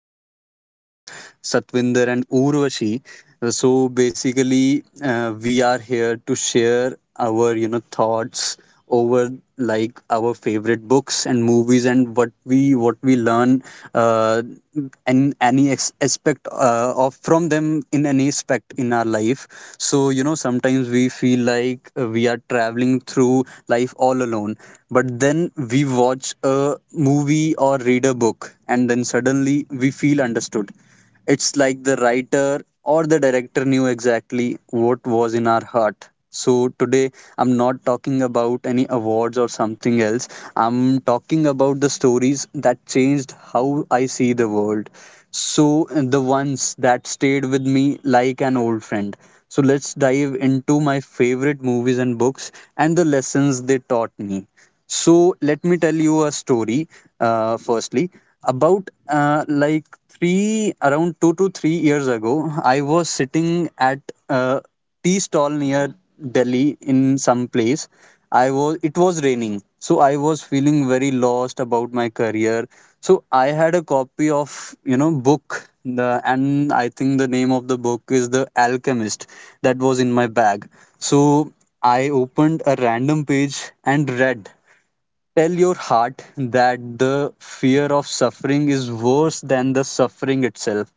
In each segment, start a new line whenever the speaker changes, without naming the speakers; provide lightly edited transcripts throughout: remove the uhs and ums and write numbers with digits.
with my two friends, Satvinder and Urvashi. So basically, we are here to share our thoughts over like our favorite books and movies and what we see, what we learn, uh, and any ex- aspect of from them in any aspect in our life. So you know sometimes we feel like we are traveling through life all alone, but then we watch a movie or read a book, and then suddenly we feel understood. It's like the writer or the director knew exactly what was in our heart. So today I'm not talking about any awards or something else. I'm talking about the stories that changed how I see the world, So the ones that stayed with me like an old friend. So let's dive into my favorite movies and books and the lessons they taught me. So let me tell you a story, firstly. About around 2 to 3 years ago, I was sitting at a tea stall near Delhi in some place. It was raining, so I was feeling very lost about my career. So I had a copy of, you know, book, the, and I think the name of the book is The Alchemist, that was in my bag. So I opened a random page and read, "Tell your heart that the fear of suffering is worse than the suffering itself."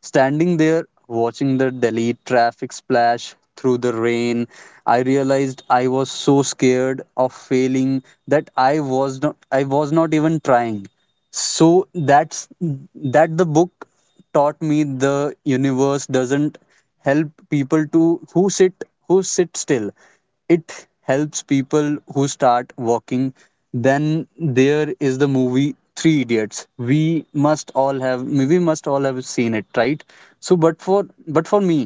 Standing there watching the Delhi traffic splash through the rain, I realized I was so scared of failing that I was not even trying. So that's that the book taught me, the universe doesn't help people to who sit still; it helps people who start walking. Then there is the movie Three Idiots. Must all have we must all have seen it, right? So but for but for me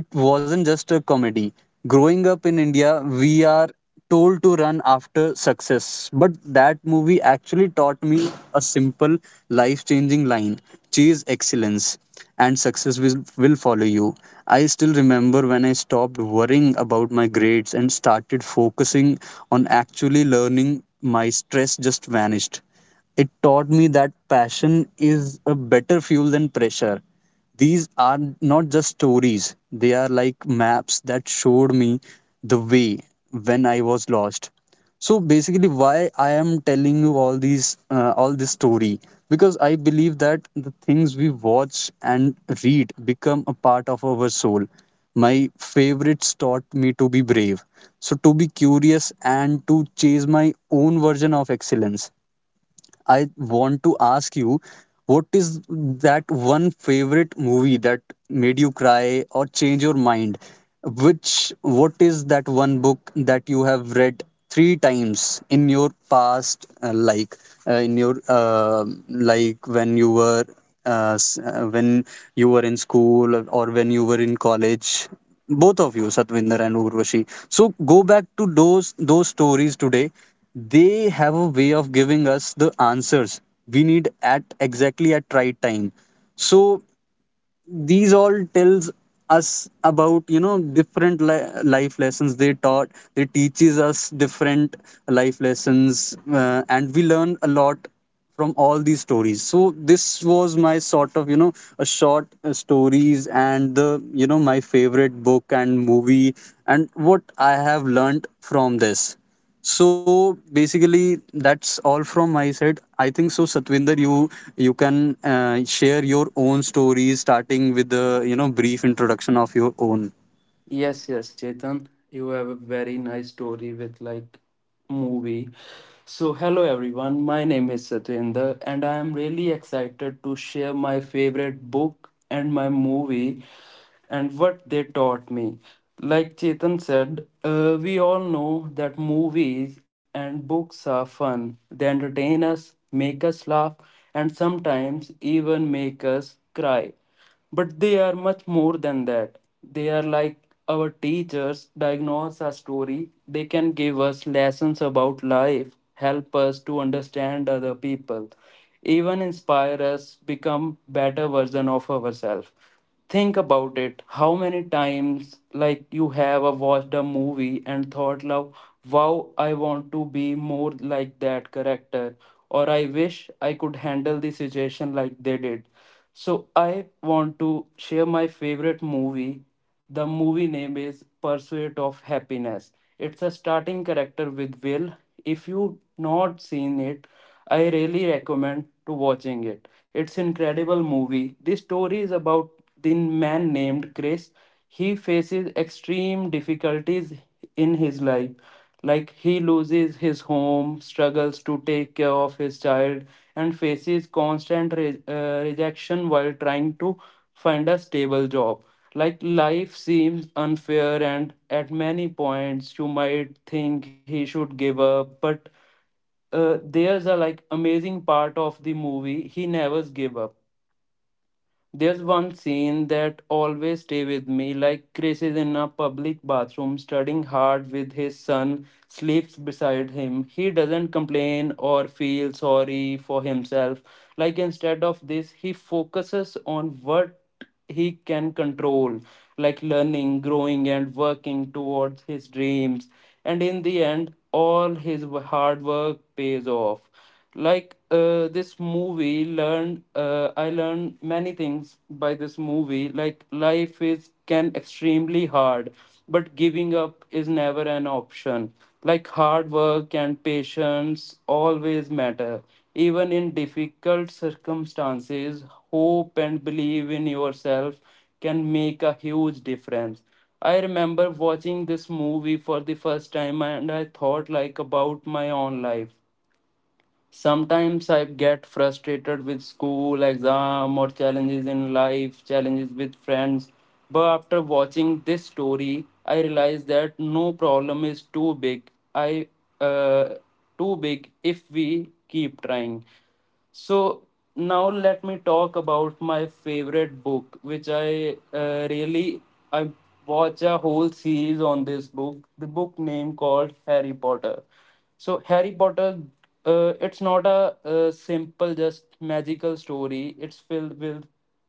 it wasn't just a comedy. Growing up in India, we are told to run after success. But that movie actually taught me a simple, life changing line: chase excellence, and success will follow you. I still remember, when I stopped worrying about my grades and started focusing on actually learning, my stress just vanished. It taught me that passion is a better fuel than pressure. These are not just stories, they are like maps that showed me the way when I was lost. So basically, why I am telling you all all this story, because I believe that the things we watch and read become a part of our soul. My favorites taught me to be brave, so to be curious, and to chase my own version of excellence. I want to ask you, what is that one favorite movie that made you cry or change your mind? What is that one book that you have read three times in your past, in your when you were when you were in school or when you were in college? Both of you, Satvinder and Urvashi. So go back to those stories today. They have a way of giving us the answers we need at exactly at right time. So these all tells us about, you know, different life lessons they taught, they teaches us different life lessons, and we learn a lot from all these stories. So this was my sort of, you know, a short stories and the, you know, my favorite book and movie and what I have learned from this. So basically, that's all from my side. I think so, Satvinder. You can share your own stories, starting with the, you know, brief introduction of your own.
Yes, Chetan, you have a very nice story with like movie. So, hello everyone. My name is Satyendra, and I am really excited to share my favorite book and my movie and what they taught me. Like Chetan said, we all know that movies and books are fun. They entertain us, make us laugh, and sometimes even make us cry. But they are much more than that. They are like our teachers, diagnose our story. They can give us lessons about life, help us to understand other people, even inspire us become better version of ourselves, think about it, how many times like you have watched a movie and thought love, wow, I want to be more like that character, or I wish I could handle the situation like they did. So I want to share my favorite movie. The movie name is Pursuit of Happiness. It's a starting character with Will. If you not seen it, I really recommend to watching it. It's incredible movie. This story is about the man named Chris. He faces extreme difficulties in his life. Like he loses his home, struggles to take care of his child, and faces constant rejection while trying to find a stable job. Like life seems unfair, and at many points you might think he should give up. But there's a like amazing part of the movie, he never give up. There's one scene that always stay with me, like Chris is in a public bathroom studying hard with his son, sleeps beside him. He doesn't complain or feel sorry for himself. Like instead of this, he focuses on what he can control, like learning, growing, and working towards his dreams. And in the end, all his hard work pays off. Like this movie learned I learned many things by this movie. Like life is can extremely hard, but giving up is never an option. Like hard work and patience always matter, even in difficult circumstances. Hope and believe in yourself can make a huge difference. I remember watching this movie for the first time and I thought like about my own life. Sometimes I get frustrated with school, exam, or challenges in life, challenges with friends. But after watching this story, I realize that no problem is too big. I uh, Too big if we keep trying. So now let me talk about my favorite book, which I watch a whole series on this book. The book name called Harry Potter. So Harry Potter, it's not a, simple just magical story. It's filled with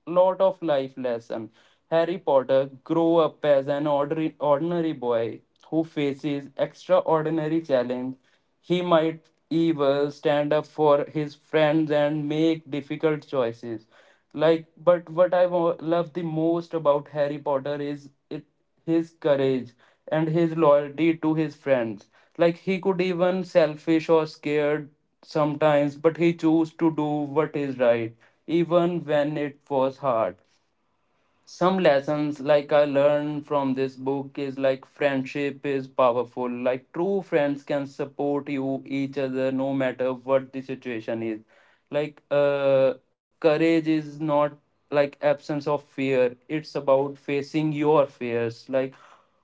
lot of life lesson. Harry Potter grew up as an ordinary boy who faces extraordinary challenge, he might even stand up for his friends and make difficult choices. Like, but what I love the most about Harry Potter is it, his courage and his loyalty to his friends. Like, he could even selfish or scared sometimes, but he chose to do what is right, even when it was hard. Some lessons like I learned from this book is like friendship is powerful, like true friends can support you each other no matter what the situation is. like uh Courage is not like absence of fear, it's about facing your fears. Like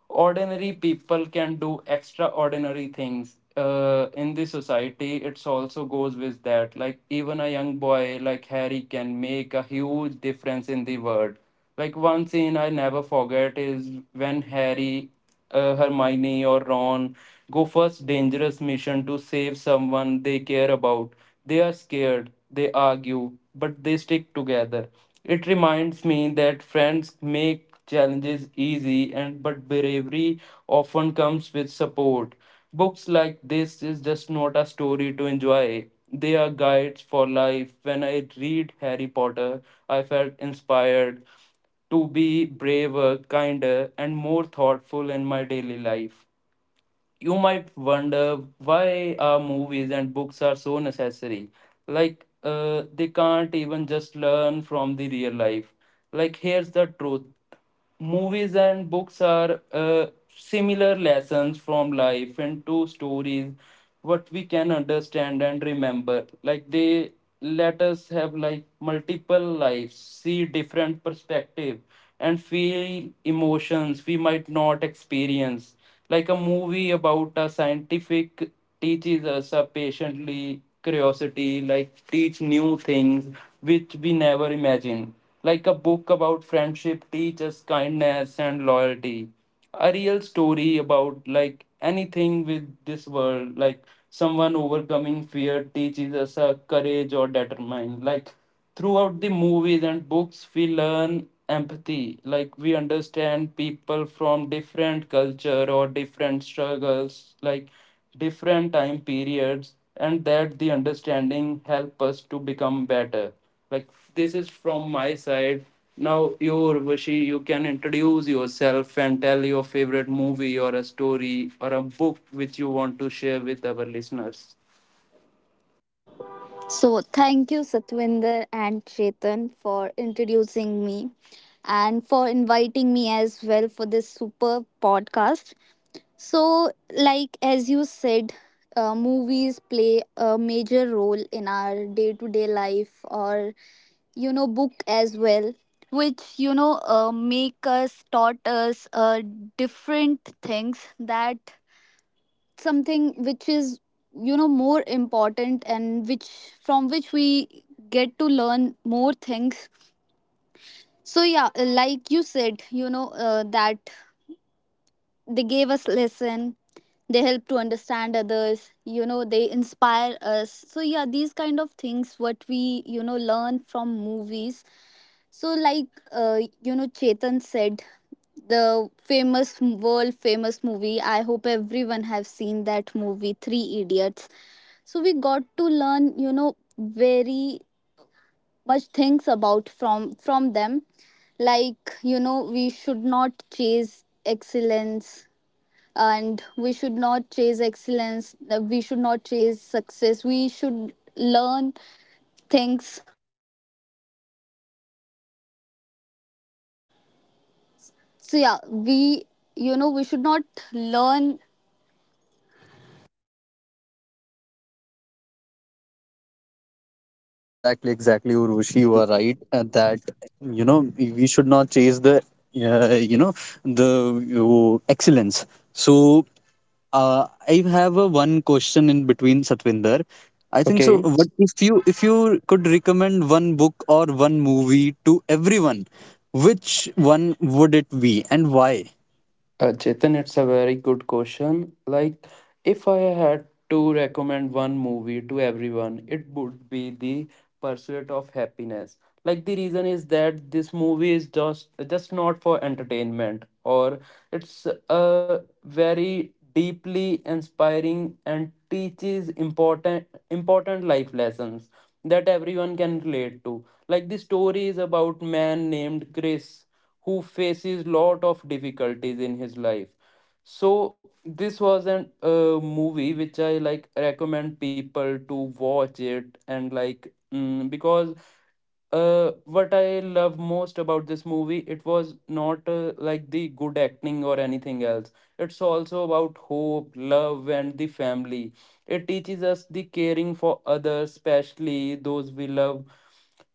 ordinary people can do extraordinary things, in the society it's also goes with that, like even a young boy like Harry can make a huge difference in the world. Like one scene I never forget is when Harry, Hermione or Ron go first dangerous mission to save someone they care about. They are scared, they argue, but they stick together. It reminds me that friends make challenges easy and but bravery often comes with support. Books like this is just not a story to enjoy. They are guides for life. When I read Harry Potter, I felt inspired to be braver, kinder, and more thoughtful in my daily life. You might wonder why our movies and books are so necessary. Like, they can't even just learn from the real life. Like, here's the truth, movies and books are similar lessons from life into stories what we can understand and remember. Like they let us have like multiple lives, see different perspective and feel emotions we might not experience. Like a movie about a scientific teaches us a patiently curiosity, like teach new things which we never imagine. Like a book about friendship teaches kindness and loyalty. A real story about like anything with this world, like someone overcoming fear teaches us a courage or determine. Like throughout the movies and books we learn empathy, like we understand people from different culture or different struggles, like different time periods, and that the understanding help us to become better. Like this is from my side. Now you Urvashi, you can introduce yourself and tell your favorite movie or a story or a book which you want to share with our listeners.
So, thank you, Satwinder and Chetan, for introducing me and for inviting me as well for this super podcast. So, like as you said, movies play a major role in our day to day life, or book as well, which make us taught us different things that something which is more important and which from which we get to learn more things. So yeah, like you said, that they gave us lesson, they help to understand others, they inspire us. So yeah, these kind of things what we learn from movies. So like, Chetan said, the famous world famous movie, I hope everyone have seen that movie, Three Idiots. So we got to learn, very much things about from them. Like, we should not chase excellence. And we should not chase excellence, we should not chase success, we should learn things. So yeah, we you know we should not learn
Exactly, exactly, Urvashi. You are right, that, you know, we should not chase the the excellence. So I have a one question in between, Satvinder. I think so.
Okay.
What if you could recommend one book or one movie to everyone, which one would it be and why?
Chetan, it's a very good question. Like, if I had to recommend one movie to everyone, it would be The Pursuit of Happiness. Like, the reason is that this movie is just not for entertainment, or it's a very deeply inspiring and teaches important life lessons that everyone can relate to. Like, the story is about man named Chris who faces lot of difficulties in his life. So this was an movie which I like recommend people to watch it, and like because what I love most about this movie, it was not like the good acting or anything else. It's also about hope, love and the family. It teaches us the caring for others, especially those we love,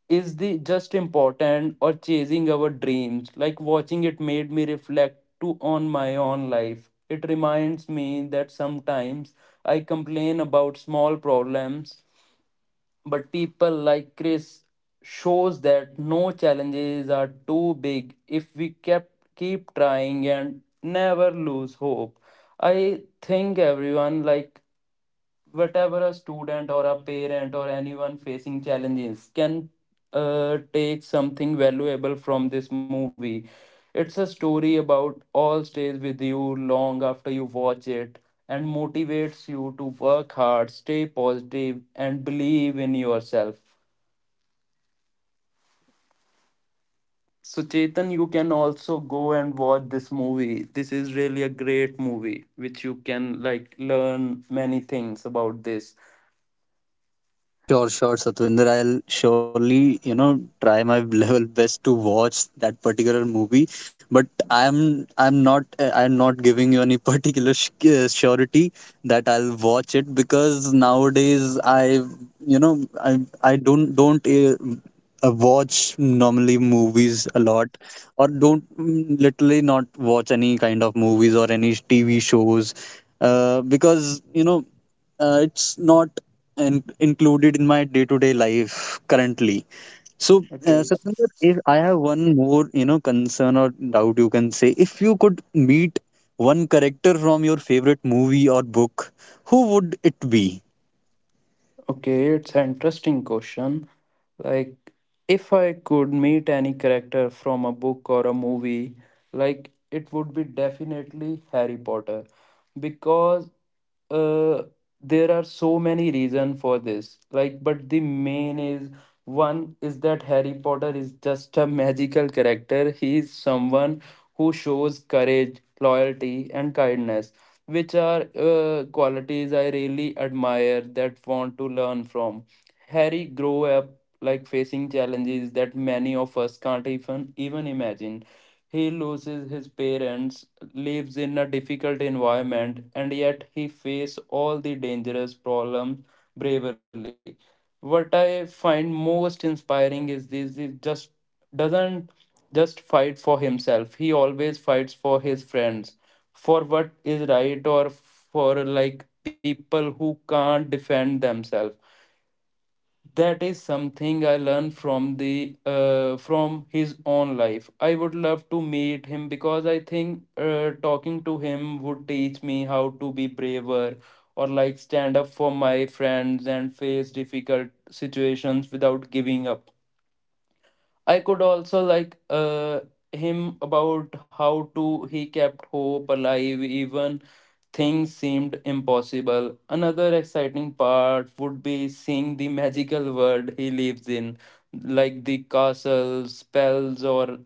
is the just important or chasing our dreams. Like watching it made me reflect to on my own life. It reminds me that sometimes I complain about small problems, but people like Chris shows that no challenges are too big if we kept keep trying and never lose hope. I think everyone, like whatever a student or a parent or anyone facing challenges can take something valuable from this movie. It's a story about all stays with you long after you watch it and motivates you to work hard, stay positive and believe in yourself. So Chetan, you can also go and watch this movie, this is really a great movie which you can like learn many things about this.
Sure, sure, Satwinder. I'll surely, you know, try my level best to watch that particular movie. But I'm not giving you any particular surety that I'll watch it, because nowadays I, you know, I don't watch normally movies a lot, or don't literally not watch any kind of movies or any TV shows, because you know it's not included in my day-to-day life currently. So,
Okay.
Satwinder, if I have one more, you know, concern or doubt, you can say, if you could meet one character from your favorite movie or book, who would it be?
Okay, it's an interesting question. Like, if I could meet any character from a book or a movie, like, it would be definitely Harry Potter because uh, there are so many reasons for this. Like, but the main is one is that Harry Potter is just a magical character. He is someone who shows courage, loyalty, and kindness which are qualities I really admire that want to learn from. Harry grew up like facing challenges that many of us can't even imagine. He loses his parents, lives in a difficult environment, and yet he faces all the dangerous problems bravely. What I find most inspiring is this: he just doesn't just fight for himself. He always fights for his friends, for what is right, or for like people who can't defend themselves. That is something I learned from the from his own life. I would love to meet him because I think talking to him would teach me how to be braver, or like stand up for my friends and face difficult situations without giving up. I could also him about how to he kept hope alive even things seemed impossible. Another exciting part would be seeing the magical world he lives in, like the castle, spells, or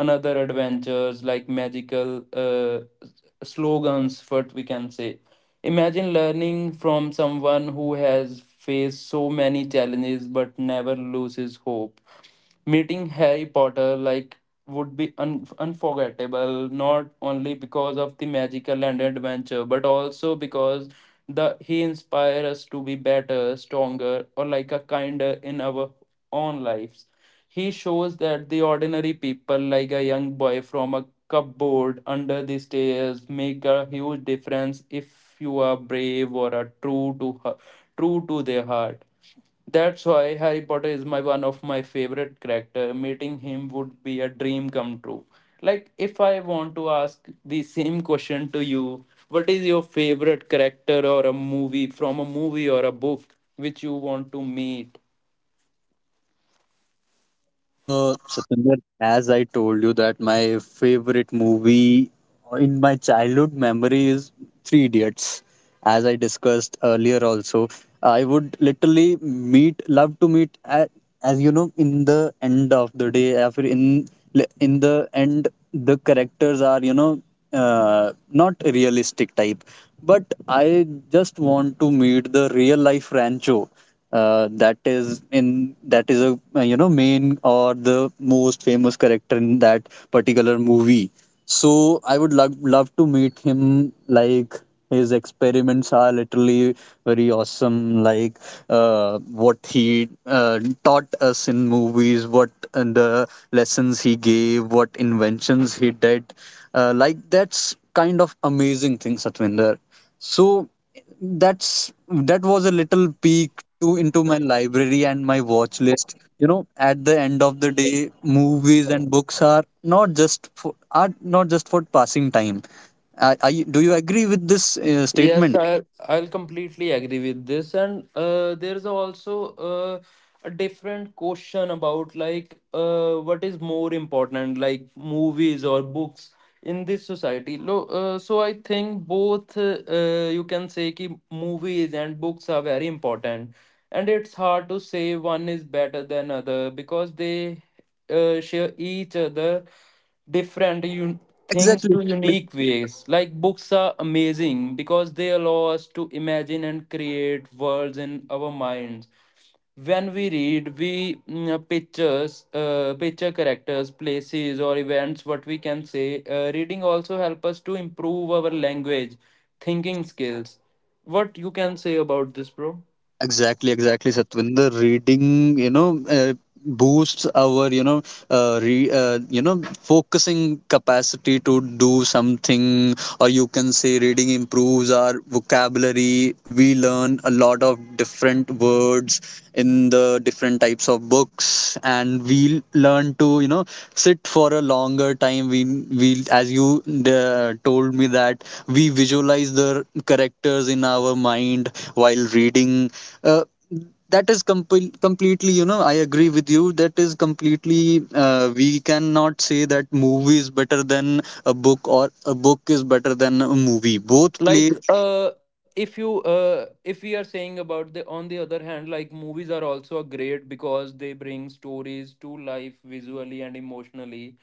another adventures like magical slogans, what we can say. Imagine learning from someone who has faced so many challenges but never loses hope. Meeting Harry Potter like would be unforgettable, not only because of the magical and adventure but also because the he inspires us to be better, stronger or like a kinder in our own lives. He shows that the ordinary people like a young boy from a cupboard under the stairs make a huge difference if you are brave or are true to her, true to their heart. That's why Harry Potter is my one of my favorite character. Meeting him would be a dream come true. Like if I want to ask the same question to you, what is your favorite character or a movie from a movie or a book which you want to meet?
Satwinder, as I told you that my favorite movie in my childhood memory is Three Idiots, as I discussed earlier also. I would literally love to meet, as you know, in the end of the day, after in the end, the characters are, you know, not realistic type, but I just want to meet the real life Rancho. That is a, you know, main or the most famous character in that particular movie. So I would love to meet him. Like, his experiments are literally very awesome. Like, what he taught us in movies, what and the lessons he gave, what inventions he did. Like that's kind of amazing thing, Satvinder. So that was a little peek to into my library and my watch list. You know, at the end of the day, movies and books are not just for, are not just for passing time. Are you, do you agree with this
Yes,
statement?
I, I'll completely agree with this. And there's also a different question about like what is more important, like movies or books in this society. So I think both, you can say ki movies and books are very important. And it's hard to say one is better than other because they share each other different un things
Exactly.
to unique ways. Like books are amazing because they allow us to imagine and create worlds in our minds. When we read, we picture characters, places, or events. What we can say, reading also help us to improve our language, thinking skills. What you can say about this, bro?
Exactly, exactly, Satwinder. Reading, you know, boosts our, you know, you know, focusing capacity to do something, or you can say reading improves our vocabulary. We learn a lot of different words in the different types of books, and we learn to, you know, sit for a longer time. As you told me, that we visualize the characters in our mind while reading, uh, that is completely, you know, I agree with you. That is completely, we cannot say that movie is better than a book or a book is better than a movie. Both play.
Like if we are saying about the on the other hand, like movies are also a great because they bring stories to life visually and emotionally.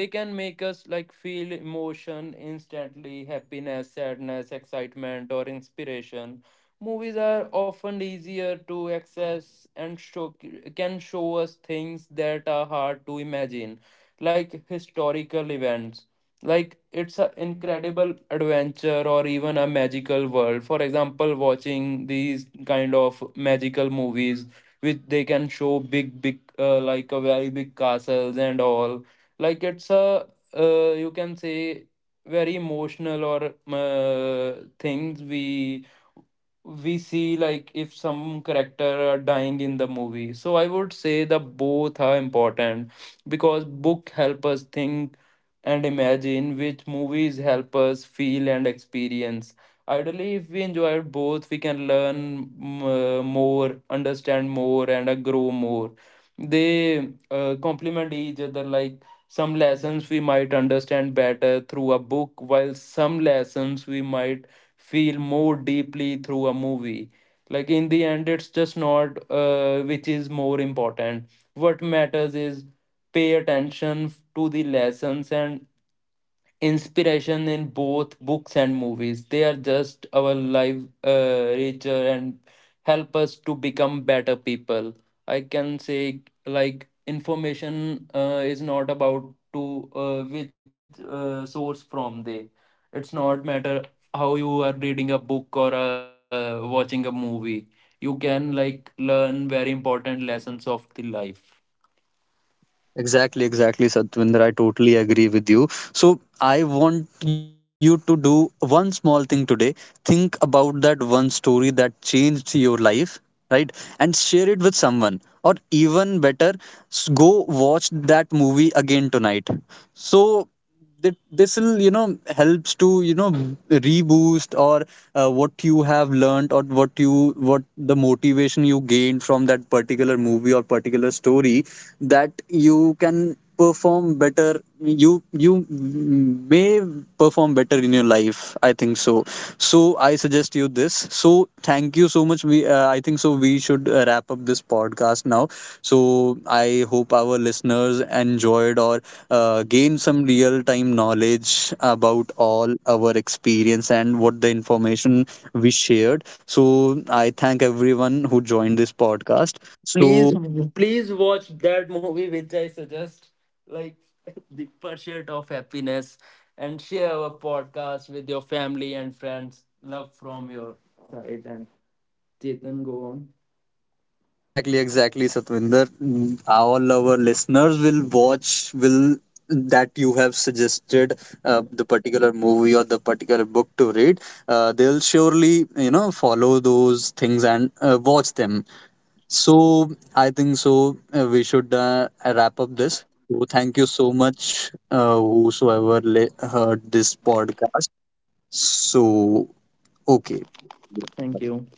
They can make us like feel emotion instantly, happiness, sadness, excitement or inspiration. Movies are often easier to access and show, can show us things that are hard to imagine, like historical events, like it's an incredible adventure or even a magical world. For example, watching these kind of magical movies which they can show big big like a very big castles and all. Like it's a you can say very emotional or things we see, like if some character are dying in the movie. So I would say the both are important because book help us think and imagine which movies help us feel and experience. Ideally if we enjoy both we can learn more, understand more and grow more. They complement each other. Like some lessons we might understand better through a book, while some lessons we might feel more deeply through a movie. Like in the end it's just not which is more important. What matters is pay attention to the lessons and inspiration in both books and movies. They are just our life richer and help us to become better people. I can say like information is not about to which source from they. It's not matter how you are reading a book or watching a movie. You can like learn very important lessons of the life.
Exactly, exactly, Satvinder. I totally agree with you. So, I want you to do one small thing today. Think about that one story that changed your life, right? And share it with someone. Or even better, go watch that movie again tonight. So, this will, you know, helps to, you know, reboost or what you have learned or what you, what the motivation you gained from that particular movie or particular story, that you can perform better. You may perform better in your life, I think so. So I suggest you this. So thank you so much. We I think so, we should wrap up this podcast now. So I hope our listeners enjoyed or gained some real time knowledge about all our experience and what the information we shared. So I thank everyone who joined this podcast. So
Please, please watch that movie which I suggest, like The Pursuit of Happiness, and share our podcast with your family and friends. Love from your side, and Chetan, go on.
exactly, exactly, Satvinder. All our listeners will watch will that you have suggested, the particular movie or the particular book to read. They'll surely, you know, follow those things and watch them. So I think so. We should wrap up this. So thank you so much, whosoever heard this podcast. So okay.
Thank you.